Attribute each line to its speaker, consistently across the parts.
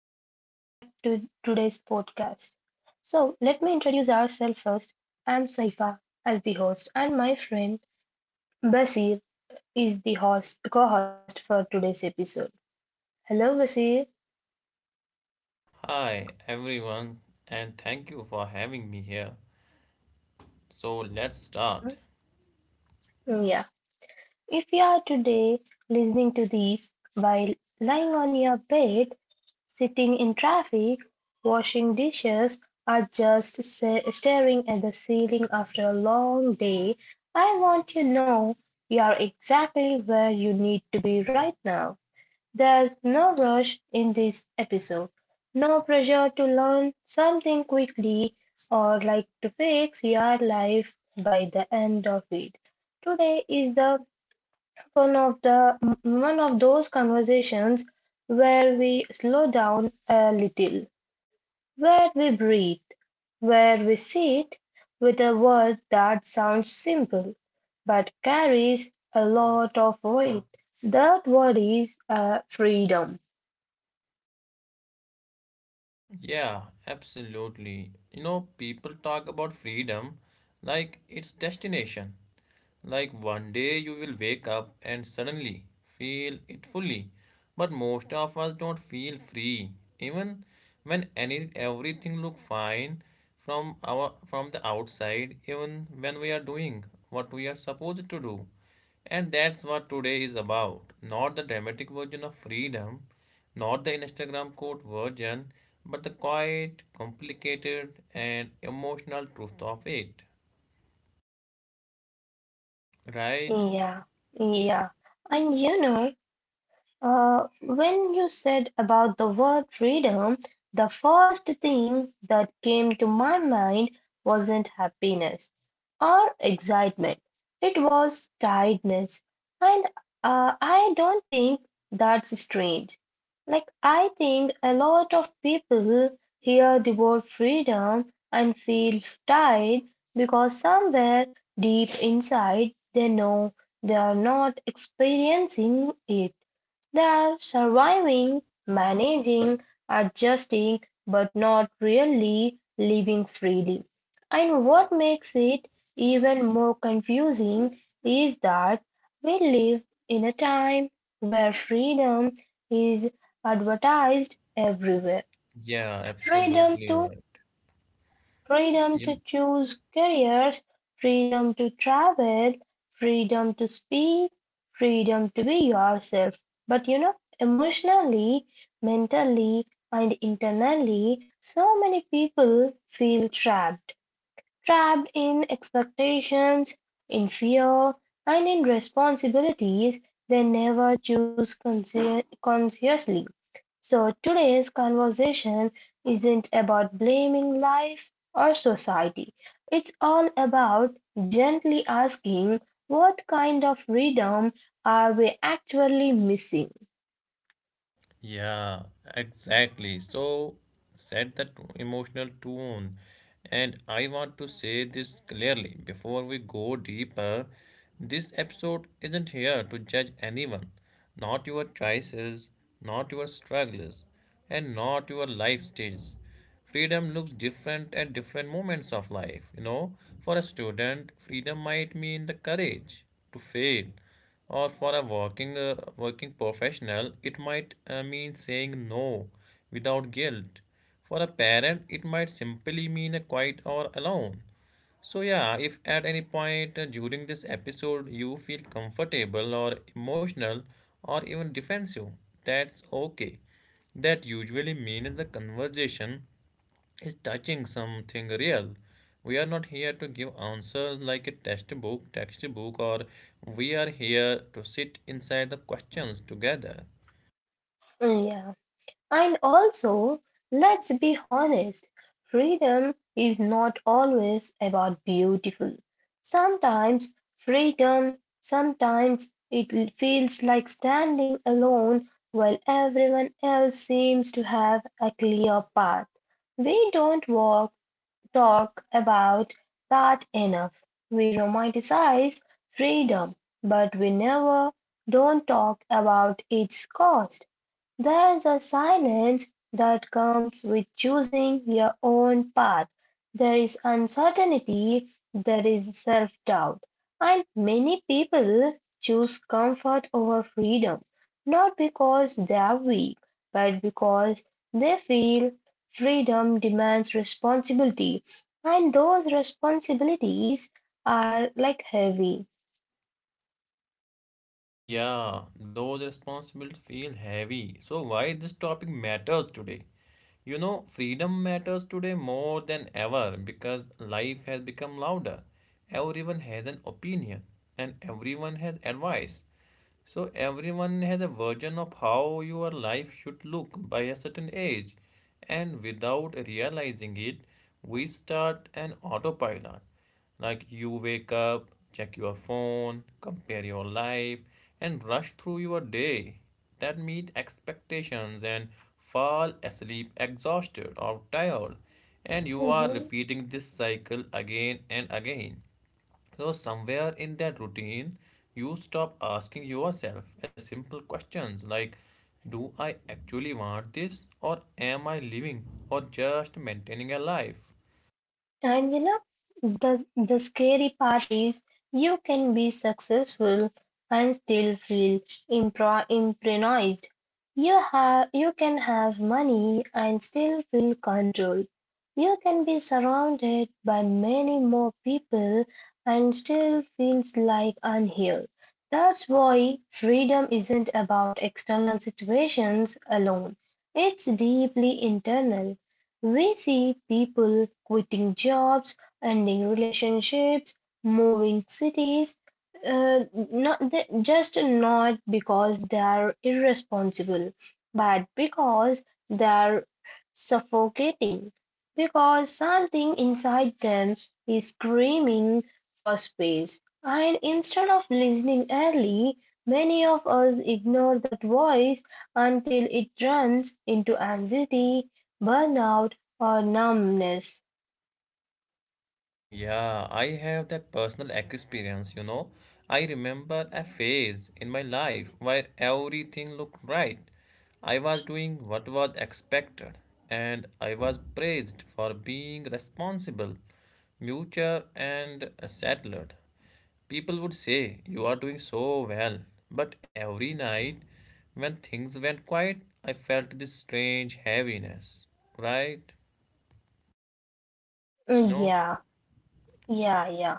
Speaker 1: to today's podcast. So let me introduce ourselves first. I'm Saifa as the host, and my friend Basir is the host co-host for today's episode. Hello Basir.
Speaker 2: Hi everyone, and thank you for having me here. So let's start.
Speaker 1: Yeah. If you are today listening to this while lying on your bed, sitting in traffic, washing dishes, or just staring at the ceiling after a long day, I want to know you are exactly where you need to be right now. There's no rush in this episode, no pressure to learn something quickly or like to fix your life by the end of it. Today is the one of the One of those conversations where we slow down a little, where we breathe, where we sit with a word that sounds simple but carries a lot of weight. That word is freedom.
Speaker 2: Yeah, absolutely. You know, people talk about freedom like it's destination, like one day you will wake up and suddenly feel it fully. But most of us don't feel free, even when any everything look fine from the outside, even when we are doing what we are supposed to do. And that's what today is about. Not the dramatic version of freedom, not the Instagram quote version, but the quiet, complicated, and emotional truth of it. Right?
Speaker 1: Yeah, yeah. And you know, when you said about the word freedom, the first thing that came to my mind wasn't happiness or excitement. It was tiredness. And I don't think that's strange. Like, I think a lot of people hear the word freedom and feel tired because somewhere deep inside they know they are not experiencing it. They are surviving, managing, adjusting, but not really living freely. And what makes it even more confusing is that we live in a time where freedom is advertised everywhere.
Speaker 2: Yeah,
Speaker 1: Freedom
Speaker 2: absolutely
Speaker 1: to
Speaker 2: right.
Speaker 1: Freedom to
Speaker 2: You,
Speaker 1: choose careers, freedom to travel, freedom to speak, freedom to be yourself. But you know, emotionally, mentally, and internally, so many people feel trapped. Trapped in expectations, in fear, and in responsibilities they never choose consciously. So today's conversation isn't about blaming life or society. It's all about gently asking what kind of freedom are we actually missing?
Speaker 2: yeah, exactly. So set that emotional tone. And I want to say this clearly before we go deeper. This episode isn't here to judge anyone, not your choices, not your struggles, and not your life stages. Freedom looks different at different moments of life. You know, for a student, freedom might mean the courage to fail, or for a working professional, it might mean saying no without guilt. For a parent, it might simply mean a quiet or alone. So yeah, if at any point during this episode you feel comfortable or emotional or even defensive, that's okay. That usually means the conversation is touching something real. We are not here to give answers like a textbook, or we are here to sit inside the questions together.
Speaker 1: Mm, yeah. And also, let's be honest, freedom is not always about beautiful. Sometimes it feels like standing alone while everyone else seems to have a clear path. We don't talk about that enough. We romanticize freedom, but we never don't talk about its cost. There's a silence that comes with choosing your own path. There is uncertainty, there is self doubt, and many people choose comfort over freedom, not because they are weak, but because they feel freedom demands responsibility, and those responsibilities are like heavy.
Speaker 2: Yeah, those responsibilities feel heavy. So why this topic matters today? You know, freedom matters today more than ever because life has become louder. Everyone has an opinion and everyone has advice. So everyone has a version of how your life should look by a certain age, and without realizing it, we start an autopilot. Like you wake up, check your phone, compare your life, and rush through your day that meet expectations and fall asleep exhausted or tired and you are repeating this cycle again and again so, somewhere in that routine, you stop asking yourself a simple questions like, do I actually want this? Or am I living or just maintaining a life?
Speaker 1: And you know, the scary part is you can be successful and still feel improvised. You can have money and still feel controlled. You can be surrounded by many more people and still feels like unheard. That's why freedom isn't about external situations alone. It's deeply internal. We see people quitting jobs, ending relationships, moving cities, not just not because they are irresponsible, but because they are suffocating, because something inside them is screaming for space. And instead of listening early, many of us ignore that voice until it runs into anxiety, burnout, or numbness.
Speaker 2: Yeah, I have that personal experience, you know. I remember a phase in my life where everything looked right. I was doing what was expected, and I was praised for being responsible, mature, and settled. People would say, "You are doing so well." But every night, when things went quiet, I felt this strange heaviness, right?
Speaker 1: Mm,
Speaker 2: No.
Speaker 1: yeah, yeah, yeah.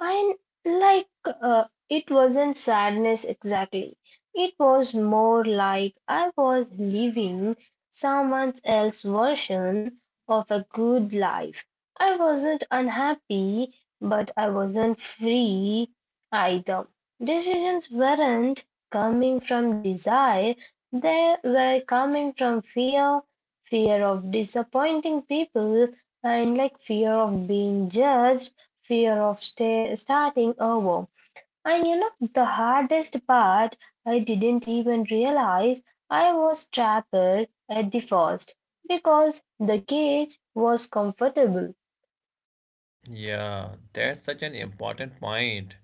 Speaker 1: I like it wasn't sadness exactly. It was more like I was living someone else's version of a good life. I wasn't unhappy, but I wasn't free either. Decisions weren't coming from desire, they were coming from fear, fear of disappointing people, and like fear of being judged fear of starting over. And you know, the hardest part, I didn't even realize I was trapped at the first because the cage was comfortable.
Speaker 2: Yeah, that's such an important point.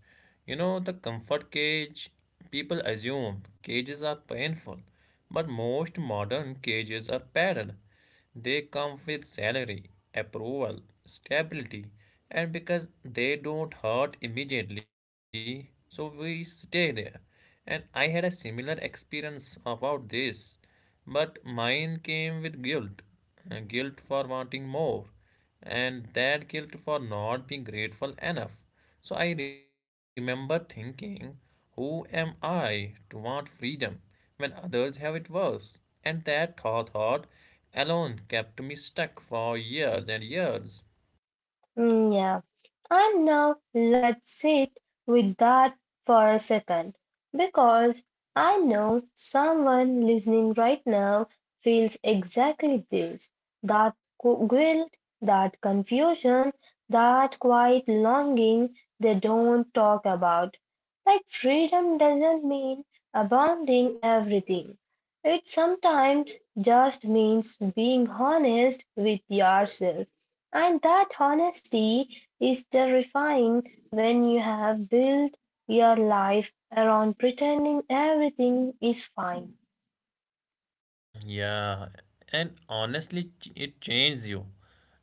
Speaker 2: You know, the comfort cage, people assume cages are painful, but most modern cages are padded. They come with salary, approval, stability, and because they don't hurt immediately, so we stay there. And I had a similar experience about this, but mine came with guilt, guilt for wanting more and that guilt for not being grateful enough. So I remember thinking, who am I to want freedom when others have it worse? And that thought alone kept me stuck for years and years.
Speaker 1: Mm, yeah. And now let's sit with that for a second because I know someone listening right now feels exactly this that guilt, that confusion, that quiet longing they don't talk about. Like freedom doesn't mean abandoning everything. It sometimes just means being honest with yourself. And that honesty is terrifying when you have built your life around pretending everything is fine.
Speaker 2: Yeah, and honestly, it changes you.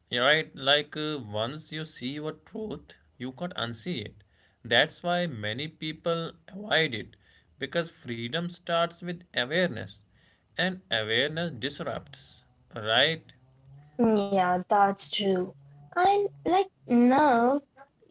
Speaker 2: You right, like once you see your truth, you can't unsee it. That's why many people avoid it because freedom starts with awareness, and awareness disrupts, right?
Speaker 1: Yeah, that's true. And like now,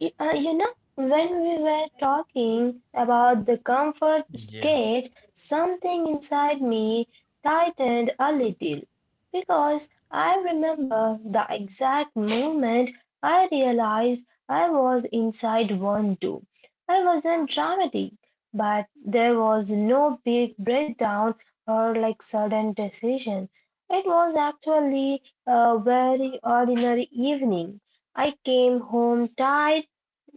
Speaker 1: You know, when we were talking about the comfort
Speaker 2: Yeah,
Speaker 1: sketch, something inside me tightened a little because I remember the exact moment I realized I was inside one too. I wasn't dramatic, but there was no big breakdown or like sudden decision. It was actually a very ordinary evening. I came home tired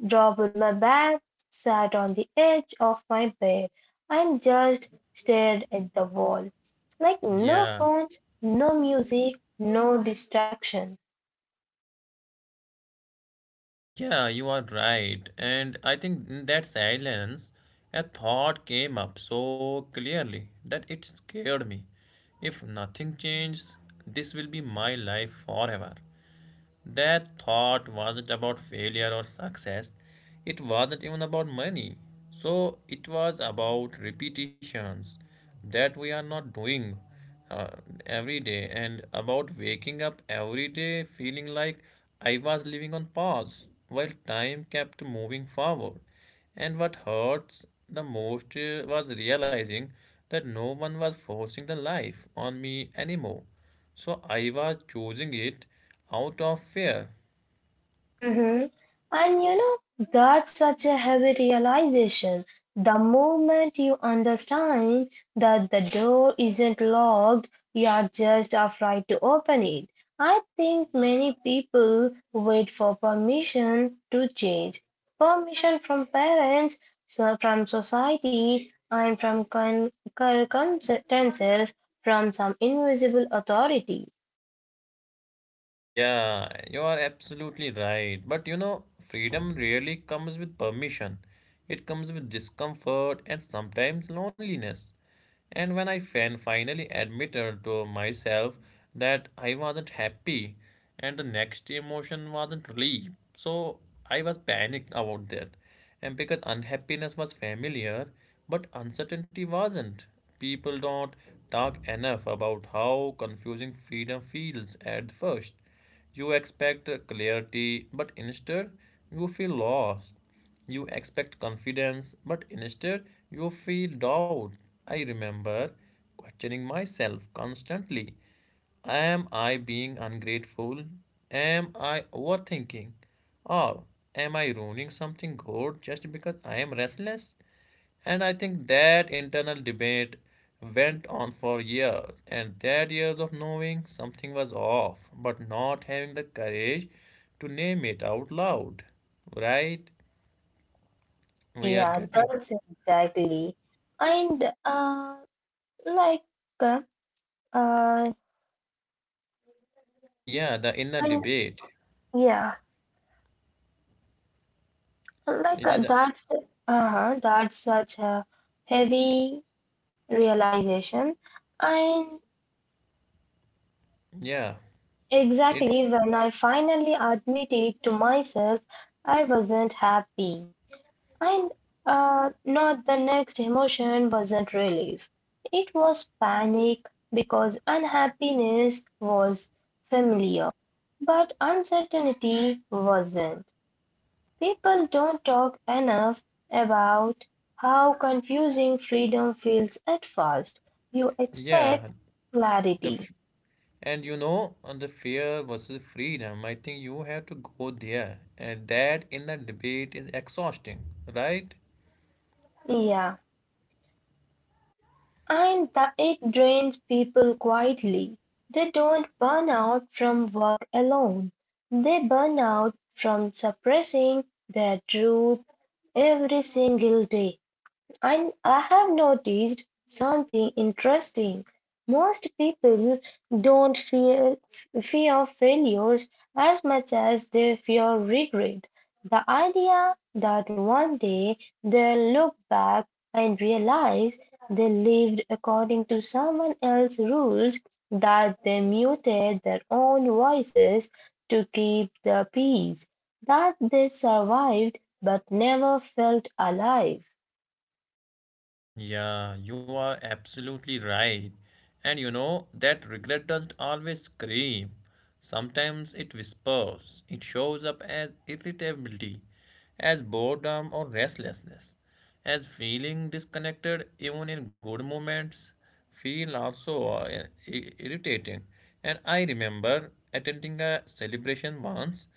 Speaker 1: dropped my bag, sat on the edge of my bed, and just stared at the wall. Like no
Speaker 2: yeah.
Speaker 1: phones, no music, no distraction.
Speaker 2: Yeah, you are right. And I think in that silence, a thought came up so clearly that it scared me. If nothing changes, this will be my life forever. That thought wasn't about failure or success. It wasn't even about money. So it was about repetitions that we are not doing uh, every day and about waking up every day feeling like I was living on pause while time kept moving forward. And what hurts the most was realizing that no one was forcing the life on me anymore. So I was choosing it out of fear.
Speaker 1: Hmm. And you know, that's such a heavy realization. The moment you understand that the door isn't locked, you are just afraid to open it. I think many people wait for permission to change. Permission from parents, so from society, and from circumstances, from some invisible authority.
Speaker 2: Yeah, you are absolutely right. But you know, freedom rarely comes with permission, it comes with discomfort and sometimes loneliness. And when I finally admitted to myself that I wasn't happy, and the next emotion wasn't relief, so I was panicked about that. And because unhappiness was familiar, but uncertainty wasn't. People don't talk enough about how confusing freedom feels at first. You expect clarity, but instead you feel lost. You expect confidence, but instead you feel doubt. I remember questioning myself constantly. Am I being ungrateful? Am I overthinking? Or am I ruining something good just because I am restless? And I think that internal debate went on for years, and that years of knowing something was off, but not having the courage to name it out loud. Right? We are
Speaker 1: Yeah,
Speaker 2: getting,
Speaker 1: that's exactly. And Like, uh, uh,
Speaker 2: yeah, the inner
Speaker 1: and
Speaker 2: debate.
Speaker 1: yeah, like
Speaker 2: It is, a,
Speaker 1: that's such a heavy realization. And
Speaker 2: yeah, it,
Speaker 1: exactly when I finally admitted to myself I wasn't happy, and not the next emotion wasn't relief. It was panic because unhappiness was familiar, but uncertainty wasn't. People don't talk enough about how confusing freedom feels at first. You
Speaker 2: yeah,
Speaker 1: expect
Speaker 2: the,
Speaker 1: clarity.
Speaker 2: f- and you know, on the fear versus freedom, I think you have to go there, and that inner debate is exhausting, right?
Speaker 1: Yeah. And the, it drains people quietly. They don't burn out from work alone. They burn out from suppressing their truth every single day. I have noticed something interesting. Most people don't fear failures as much as they fear regret. The idea that one day they'll look back and realize they lived according to someone else's rules, that they muted their own voices to keep the peace, that they survived but never felt alive.
Speaker 2: Yeah, you are absolutely right. And you know, that regret doesn't always scream. Sometimes it whispers. It shows up as irritability, as boredom or restlessness, as feeling disconnected even in good moments, feel also irritating. And I remember attending a celebration once.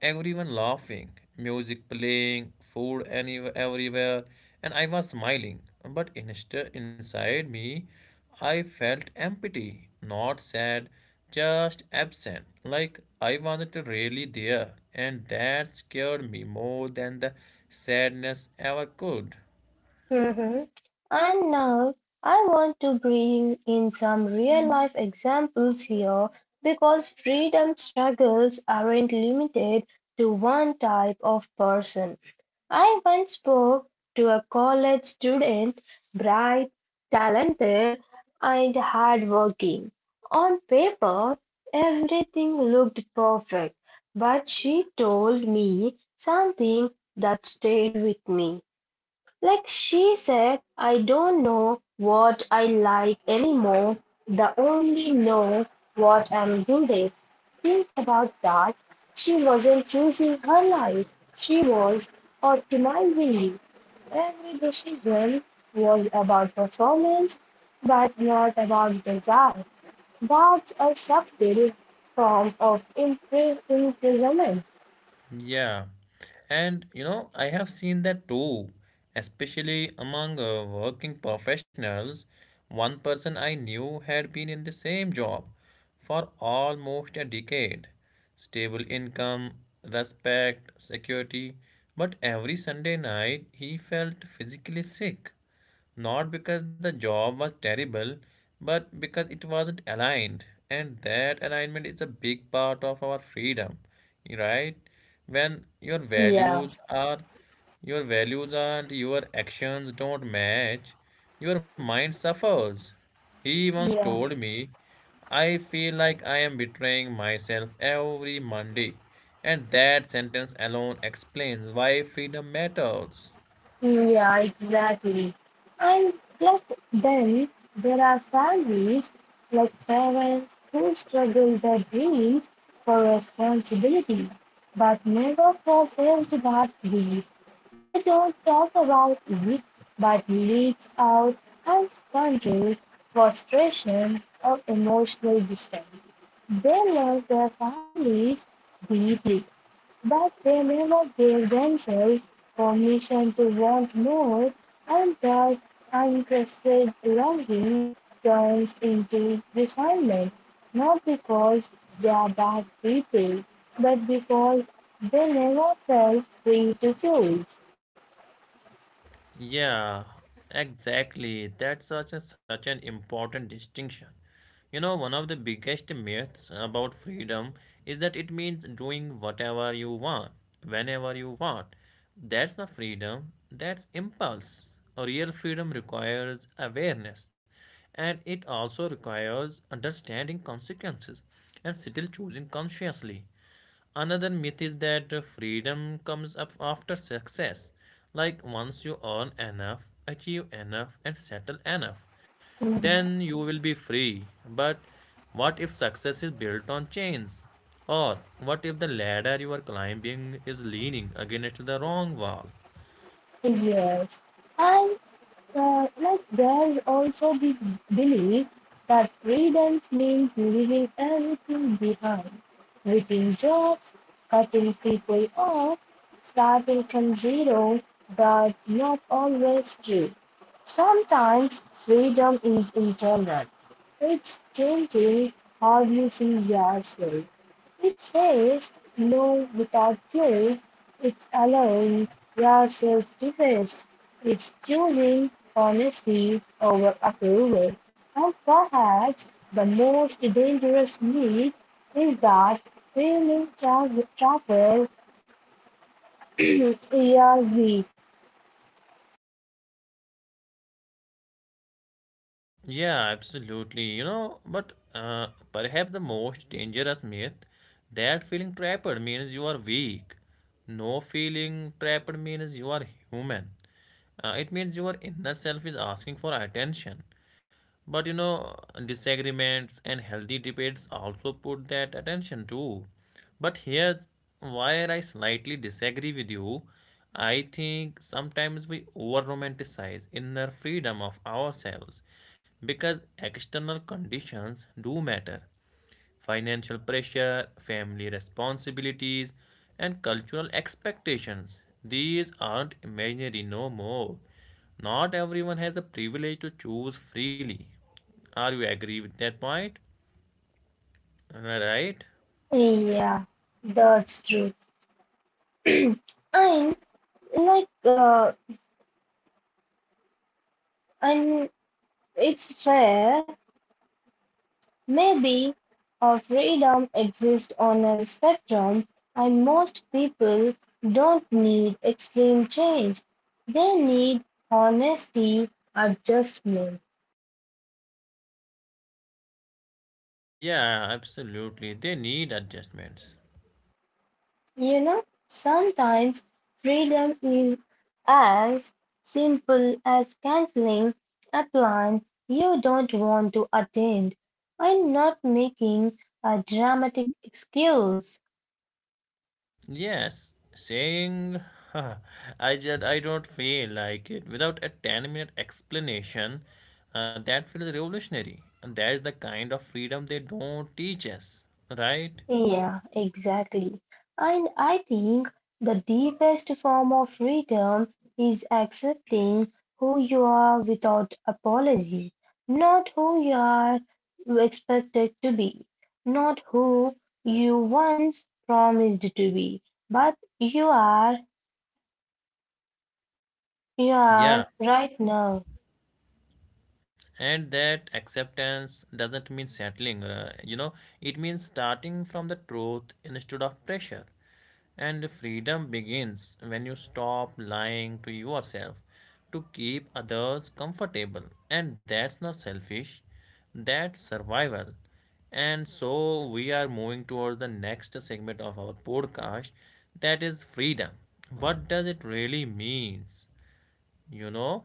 Speaker 2: Everyone laughing, music playing, food any everywhere, and I was smiling. But inside me, I felt empty, not sad, just absent. Like I wasn't really there, and that scared me more than the sadness ever could.
Speaker 1: Mhm. And now I want to bring in some real life examples here because freedom struggles aren't limited to one type of person. I once spoke to a college student, bright, talented, and hardworking. On paper, everything looked perfect, but she told me something that stayed with me. Like she said, I don't know what I like anymore, the only know what I'm good at. Think about that. She wasn't choosing her life, she was optimizing it. Every decision was about performance, but not about desire. That's a subtle form of imprisonment.
Speaker 2: Yeah, and you know, I have seen that too, especially among working professionals. One person I knew had been in the same job for almost a decade. Stable income, respect, security, but every Sunday night he felt physically sick. Not because the job was terrible, but because it wasn't aligned. And that alignment is a big part of our freedom, right? When your values
Speaker 1: Yeah,
Speaker 2: are your values and your actions don't match, your mind suffers. He once
Speaker 1: yeah.
Speaker 2: told me, "I feel like I am betraying myself every Monday." And that sentence alone explains why freedom matters.
Speaker 1: Yeah, exactly. And plus, then there are families like parents who struggle their dreams for responsibility, but never processed that grief. They don't talk about it, but leaks out as control, frustration, or emotional distance. They love their families deeply, but they never gave themselves permission to want more, and that unrepressed longing turns into resentment, not because they are bad people, but because they never felt free to choose.
Speaker 2: Yeah, exactly. That's such a, such an important distinction. You know, one of the biggest myths about freedom is that it means doing whatever you want, whenever you want. That's not freedom, that's impulse. Real freedom requires awareness and it also requires understanding consequences and still choosing consciously. Another myth is that freedom comes up after success. Like once you earn enough, achieve enough, and settle enough, then you will be free. But what if success is built on chains? Or what if the ladder you are climbing is leaning against the wrong wall?
Speaker 1: Yes, and like there's also the belief that freedom means leaving everything behind, quitting jobs, cutting people off, starting from zero. That's not always true. Sometimes freedom is internal. It's changing how you see yourself, it says, "No, without you, it's allowing yourself to rest. It's choosing honesty over approval. And perhaps the most dangerous need is that feeling travel. yeah, we.
Speaker 2: Yeah, absolutely. You know, but perhaps the most dangerous myth that feeling trapped means you are weak. No feeling trapped means you are human. It means your inner self is asking for attention. But you know, disagreements and healthy debates also put that attention too. But here's where I slightly disagree with you. I think sometimes we over romanticize inner freedom of ourselves because external conditions do matter financial pressure, family responsibilities, and cultural expectations. These aren't imaginary no more. Not everyone has the privilege to choose freely. Are you agree with that point? Am I right?
Speaker 1: Yeah, that's true. and like, and it's fair Maybe our freedom exists on a spectrum, and most people don't need extreme change. They need honesty, adjustment.
Speaker 2: Yeah, absolutely. They need adjustments.
Speaker 1: You know, sometimes freedom is as simple as canceling a plan you don't want to attend. And not making a dramatic excuse.
Speaker 2: Yes, saying I just I don't feel like it without a 10-minute explanation that feels revolutionary and that is the kind of freedom they don't teach us, right?
Speaker 1: Yeah, exactly. And I think the deepest form of freedom is accepting who you are without apology, not who you are expected to be, not who you once promised to be, but you are
Speaker 2: Yeah,
Speaker 1: right now.
Speaker 2: and that acceptance doesn't mean settling, you know, it means starting from the truth instead of pressure. And freedom begins when you stop lying to yourself to keep others comfortable. And that's not selfish, that's survival. And so we are moving towards the next segment of our podcast that is freedom. What does it really means? You know?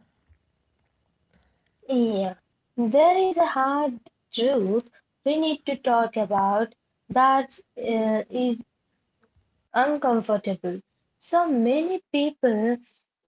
Speaker 1: Yeah, there is a hard truth we need to talk about that is uncomfortable, so many people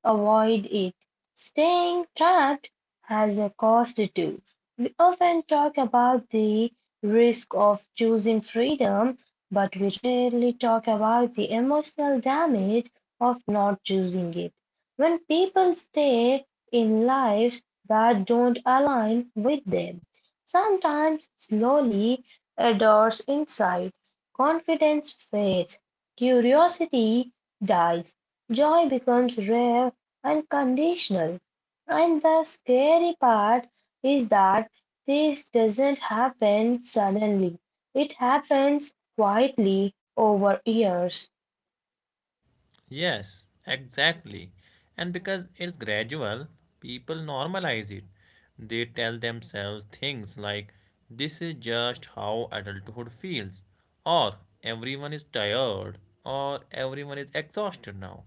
Speaker 1: avoid it. Staying trapped has a cost too. We often talk about the risk of choosing freedom, but we rarely talk about the emotional damage of not choosing it. When people stay in lives that don't align with them, sometimes slowly, a door's inside, confidence fades curiosity dies, joy becomes rare and conditional, and the scary part is that this doesn't happen suddenly. It happens quietly over years.
Speaker 2: Yes, exactly. And because it's gradual, people normalize it. They tell themselves things like, this is just how adulthood feels, or everyone is tired, or everyone is exhausted now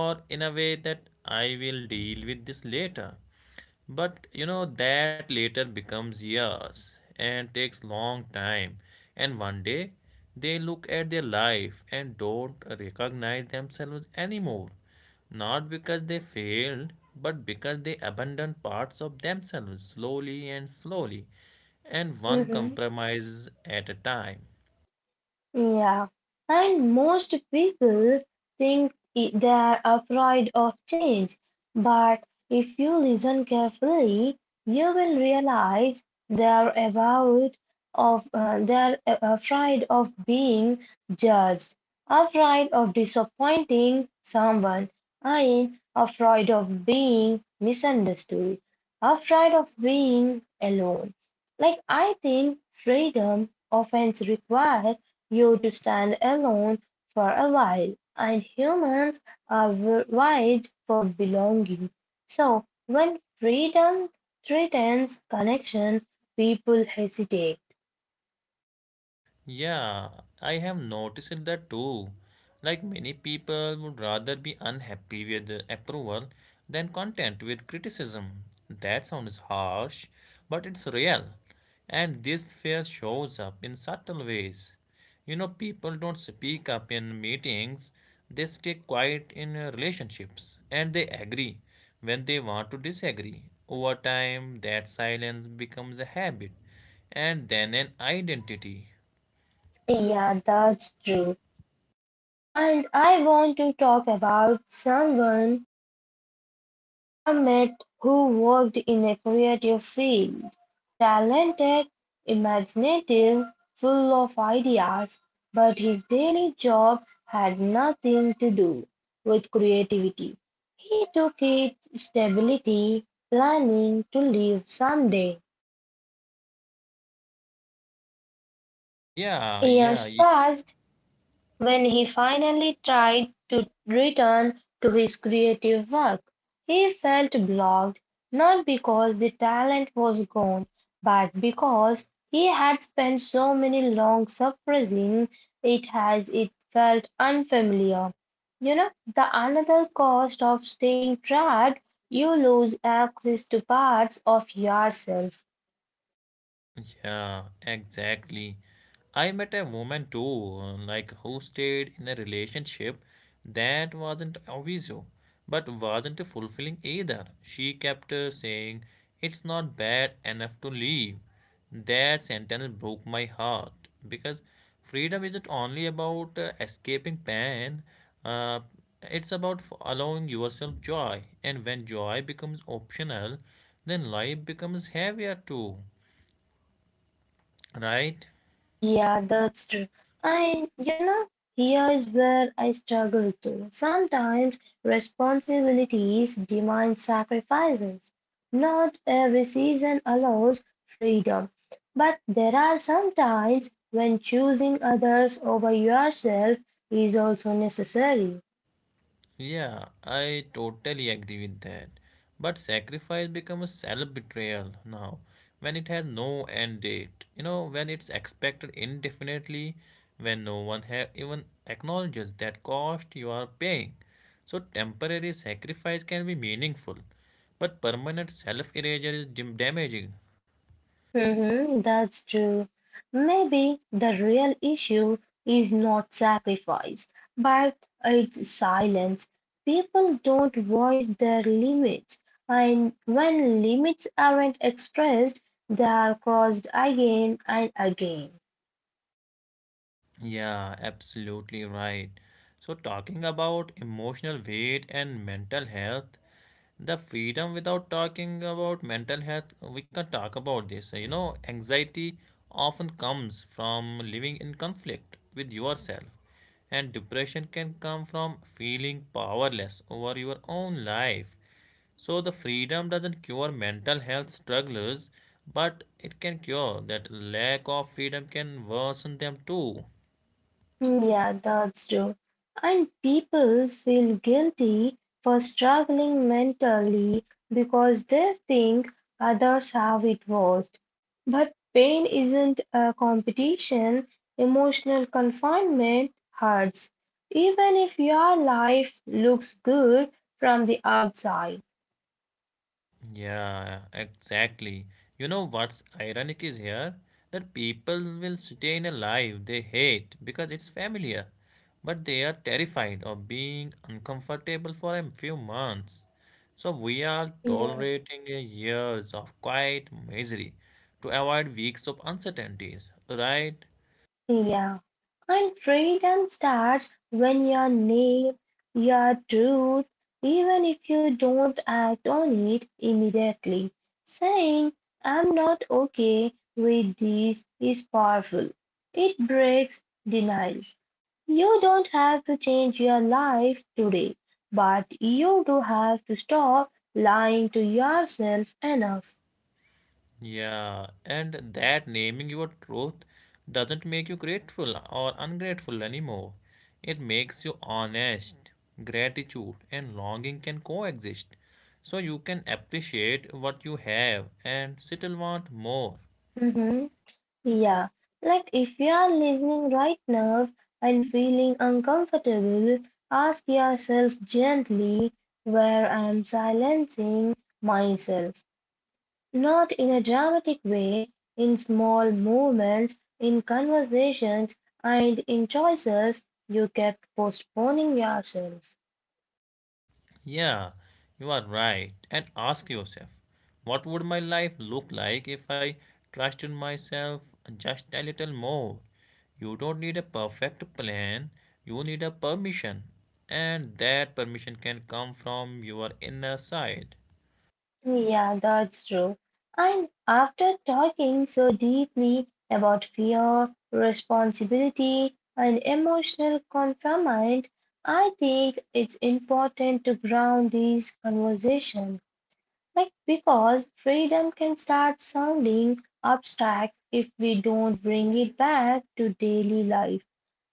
Speaker 2: or in a way that I will deal with this later. But you know, that later becomes years and takes long time. And one day they look at their life and don't recognize themselves anymore. Not because they failed, but because they abandon parts of themselves slowly and slowly, and one
Speaker 1: Mhm.
Speaker 2: compromises at a time.
Speaker 1: Yeah, and most people think they are afraid of change, but if you listen carefully, you will realize they are about of they are afraid of being judged, afraid of disappointing someone, and afraid of being misunderstood, afraid of being alone. Like I think freedom often requires you to stand alone for a while, and humans are wired for belonging. So when freedom threatens connection, people hesitate.
Speaker 2: Yeah, I have noticed that too. Like many people would rather be unhappy with the approval than content with criticism. That sounds harsh, but it's real. And this fear shows up in subtle ways. You know, people don't speak up in meetings, they stay quiet in relationships, and they agree when they want to disagree. Over time, that silence becomes a habit and then an identity.
Speaker 1: Yeah, that's true. And I want to talk about someone Ahmed, who worked in a creative field, talented, imaginative, full of ideas, but his daily job had nothing to do with creativity. He took it stability, planning to leave someday.
Speaker 2: Yeah, yeah,
Speaker 1: Years
Speaker 2: you
Speaker 1: passed when he finally tried to return to his creative work, he felt blocked, not because the talent was gone, but because he had spent so many long suppressing it as it felt unfamiliar. You know, the another cost of staying trapped, you lose access to parts of yourself.
Speaker 2: yeah, exactly. I met a woman too, like who stayed in a relationship that wasn't obvious, but wasn't fulfilling either. She kept saying, "It's not bad enough to leave." That sentence broke my heart because freedom isn't only about escaping pain, uh, it's about allowing yourself joy. And when joy becomes optional, then life becomes heavier too. Right?
Speaker 1: Yeah, that's true. And you know, here is where I struggle too. Sometimes responsibilities demand sacrifices. Not every season allows freedom, but there are some times when choosing others over yourself is also necessary.
Speaker 2: Yeah, I totally agree with that. But sacrifice becomes self-betrayal now when it has no end date. You know, when it's expected indefinitely, when no one ha even acknowledges that cost you are paying. So temporary sacrifice can be meaningful, but permanent self-erasure is damaging.
Speaker 1: Hmm, that's true. Maybe the real issue is not sacrifice, but it's silence. People don't voice their limits, and when limits aren't expressed, they are crossed again and again.
Speaker 2: Yeah, absolutely right. So, talking about emotional weight and mental health, the freedom without talking about mental health, we can talk about this. You know, anxiety often comes from living in conflict with yourself, and depression can come from feeling powerless over your own life. So, the freedom doesn't cure mental health struggles, but it can cure that lack of freedom can worsen them too.
Speaker 1: Mm, yeah, that's true. And people feel guilty for struggling mentally because they think others have it worse. But pain isn't a competition, emotional confinement hurts, even if your life looks good from the outside.
Speaker 2: Yeah, exactly. You know what's ironic is here? That people will stay in a life they hate because it's familiar, but they are terrified of being uncomfortable for a few months. So we are
Speaker 1: Yeah.
Speaker 2: tolerating a years of quiet misery to avoid weeks of uncertainties, right?
Speaker 1: Yeah. And freedom starts when your name, your truth, even if you don't act on it immediately. Saying, I'm not okay with this is powerful. It breaks denial. You don't have to change your life today, but you do have to stop lying to yourself enough.
Speaker 2: Yeah, and that naming your truth doesn't make you grateful or ungrateful anymore. It makes you honest. Gratitude and longing can coexist. So you can appreciate what you have and still want more.
Speaker 1: Mm-hmm. Yeah, like if you are listening right now and feeling uncomfortable, ask yourself gently where I am silencing myself. Not in a dramatic way, in small moments, in conversations, and in choices you kept postponing yourself.
Speaker 2: Yeah, you are right. And ask yourself, what would my life look like if I trusted myself just a little more? You don't need a perfect plan, you need a permission. And that permission can come from your inner side.
Speaker 1: Yeah, that's true. And after talking so deeply about fear, responsibility, and emotional confinement, I think it's important to ground these conversations. Like, because freedom can start sounding abstract if we don't bring it back to daily life.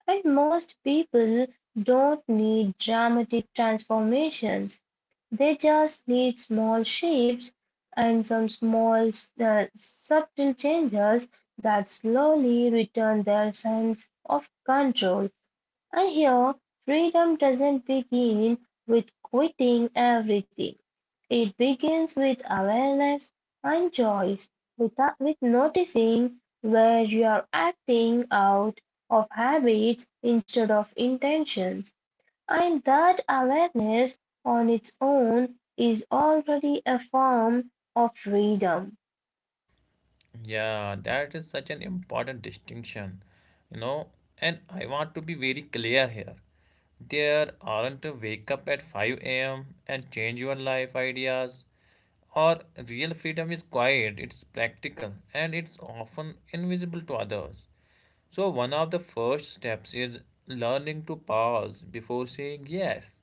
Speaker 1: And most people don't need dramatic transformations. They just need small shifts and some small, subtle changes that slowly return their sense of control. And here, freedom doesn't begin with quitting everything. It begins with awareness and choice, without, with noticing where you are acting out of habits instead of intentions. And that awareness on its own is already a form of freedom.
Speaker 2: Yeah, that is such an important distinction, you know. And I want to be very clear here. There aren't a wake up at 5 a.m. and change your life ideas. Or real freedom is quiet, it's practical, and it's often invisible to others. So, one of the first steps is learning to pause before saying yes.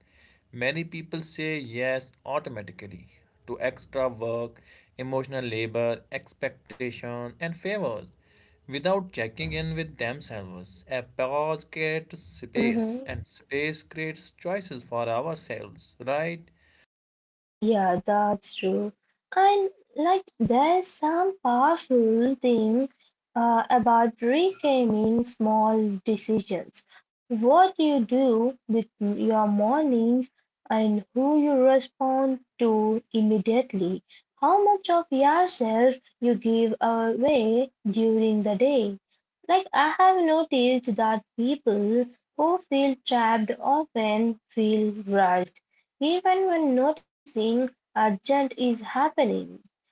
Speaker 2: Many people say yes automatically to extra work, emotional labor, expectation, and favors without checking in with themselves. A pause creates space,
Speaker 1: Mhm.
Speaker 2: and space creates choices for ourselves, right?
Speaker 1: Yeah, that's true. And like there's some powerful thing about reframing small decisions. What you do with your mornings and who you respond to immediately. How much of yourself you give away during the day. Like I have noticed that people who feel trapped often feel rushed even when noticing urgent is happening,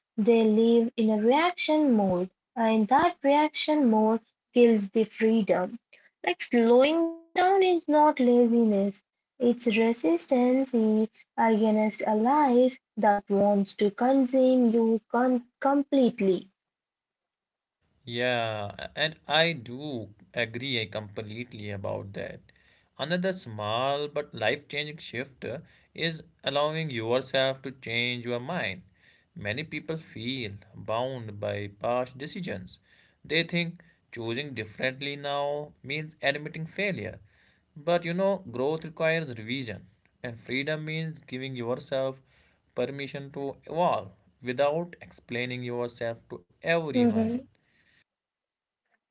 Speaker 1: they live in a reaction mode and that reaction mode kills the freedom. Like slowing down is not laziness, it's resistance against a life that wants to consume completely.
Speaker 2: Yeah, and I do agree completely about that. Another small but life-changing shift is allowing yourself to change your mind. Many people feel bound by past decisions. They think choosing differently now means admitting failure. But you know, growth requires revision, and freedom means giving yourself permission to evolve without explaining yourself to everyone.
Speaker 1: Mm-hmm.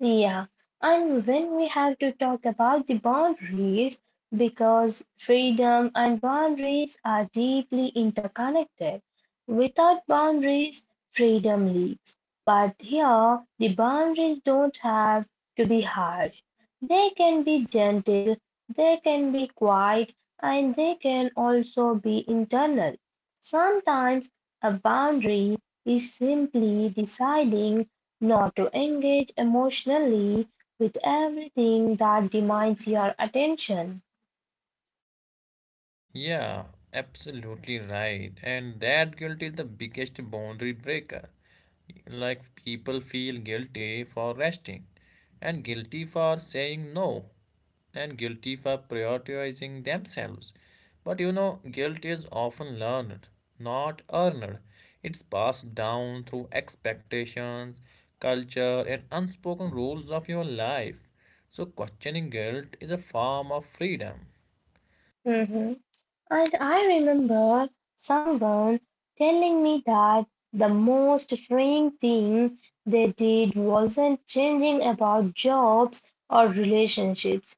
Speaker 1: Yeah, and when we have to talk about the boundaries, because freedom and boundaries are deeply interconnected. Without boundaries, freedom leaks. But here, the boundaries don't have to be harsh. They can be gentle, they can be quiet, and they can also be internal. Sometimes a boundary is simply deciding not to engage emotionally with everything that demands your attention.
Speaker 2: Yeah, absolutely right. And that guilt is the biggest boundary breaker. Like people feel guilty for resting, and guilty for saying no, and guilty for prioritizing themselves. But you know, guilt is often learned, not earned. It's passed down through expectations, culture, and unspoken rules of your life. So, questioning guilt is a form of freedom.
Speaker 1: Mhm. And I remember someone telling me that the most freeing thing they did wasn't changing about jobs or relationships.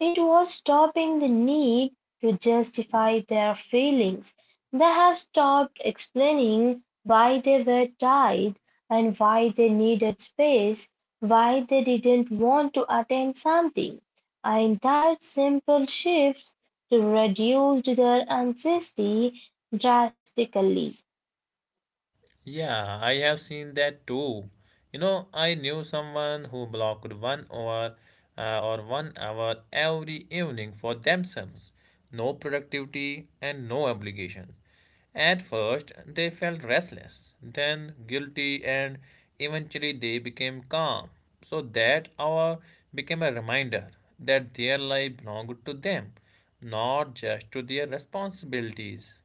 Speaker 1: It was stopping the need to justify their feelings. They have stopped explaining why they were tired and why they needed space, why they didn't want to attend something. And that simple shift to reduce their anxiety drastically.
Speaker 2: Yeah, I have seen that too. You know, I knew someone who blocked 1 hour or 1 hour every evening for themselves. No productivity and no obligations. At first, they felt restless, then guilty, and eventually they became calm. So that hour became a reminder that their life belonged to them, not just to their responsibilities.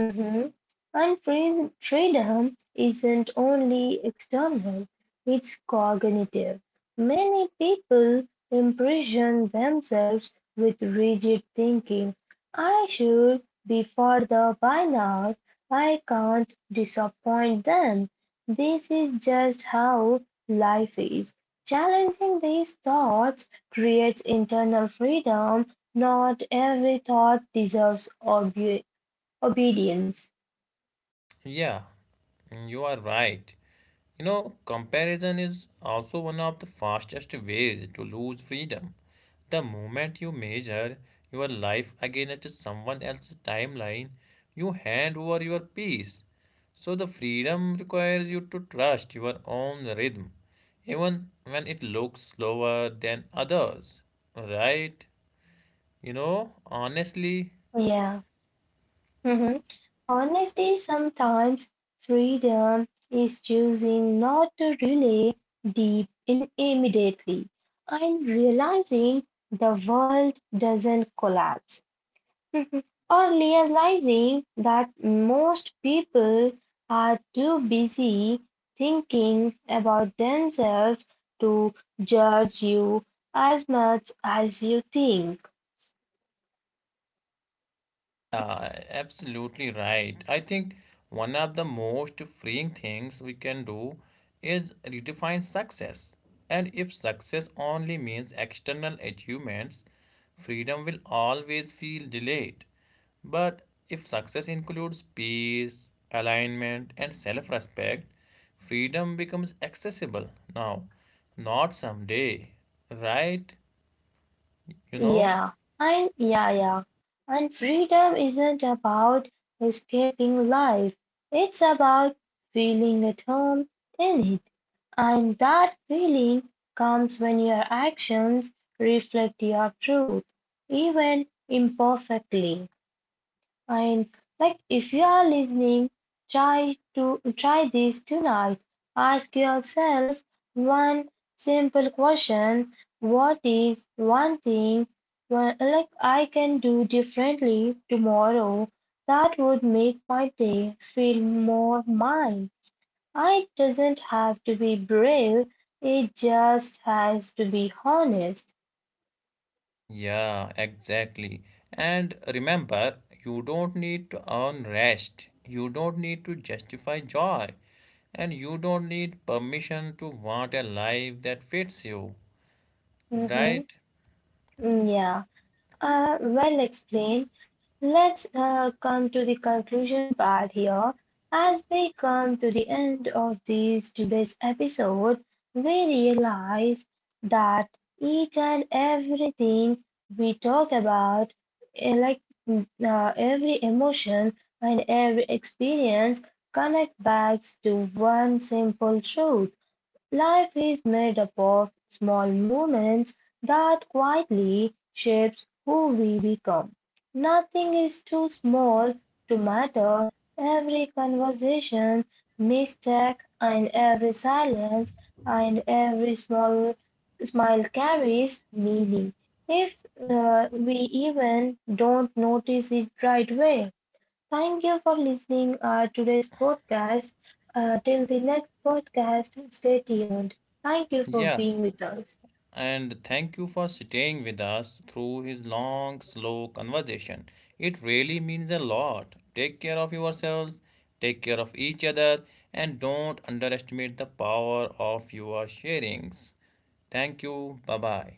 Speaker 1: Mhm. And phrase freedom isn't only external, it's cognitive. Many people imprison themselves with rigid thinking. I should be further by now. I can't disappoint them. This is just how life is. Challenging these thoughts creates internal freedom. Not every thought deserves obedience.
Speaker 2: Yeah, you are right. You know, comparison is also one of the fastest ways to lose freedom. The moment you measure your life against someone else's timeline, you hand over your peace. So, the freedom requires you to trust your own rhythm, even when it looks slower than others. Right? You know, honestly,
Speaker 1: Yeah. Hmm. Honesty sometimes freedom is choosing not to relay deep in immediately and realizing the world doesn't collapse. Mhm. Or realizing that most people are too busy thinking about themselves to judge you as much as you think.
Speaker 2: yeah, absolutely right. I think one of the most freeing things we can do is redefine success. And if success only means external achievements, freedom will always feel delayed. But if success includes peace, alignment, and self respect, freedom becomes accessible now, not someday, right? You know?
Speaker 1: Yeah, and yeah. And freedom isn't about escaping life. It's about feeling at home in it. And that feeling comes when your actions reflect your truth, even imperfectly. And like if you are listening, try this tonight. Ask yourself one simple question. What is one thing one, like I can do differently tomorrow that would make my day feel more mine? It doesn't have to be brave, it just has to be honest.
Speaker 2: Yeah, exactly. And remember, you don't need to earn rest. You don't need to justify joy. And you don't need permission to want a life that fits you.
Speaker 1: Mm-hmm.
Speaker 2: Right?
Speaker 1: Mm, yeah. Well explained. Let's come to the conclusion part here. As we come to the end of this today's episode, we realize that each and everything we talk about, eh, like every emotion and every experience, connect back to one simple truth. Life is made up of small moments that quietly shapes who we become. Nothing is too small to matter. Every conversation, mistake, and every silence and every small smile carries meaning. If we even don't notice it right away. Thank you for listening today's podcast. Till the next podcast, stay tuned. Thank you for
Speaker 2: Yeah,
Speaker 1: being with us.
Speaker 2: and thank you for staying with us through his long, slow conversation. It really means a lot. Take care of yourselves, take care of each other, and don't underestimate the power of your sharings. Thank you. Bye bye.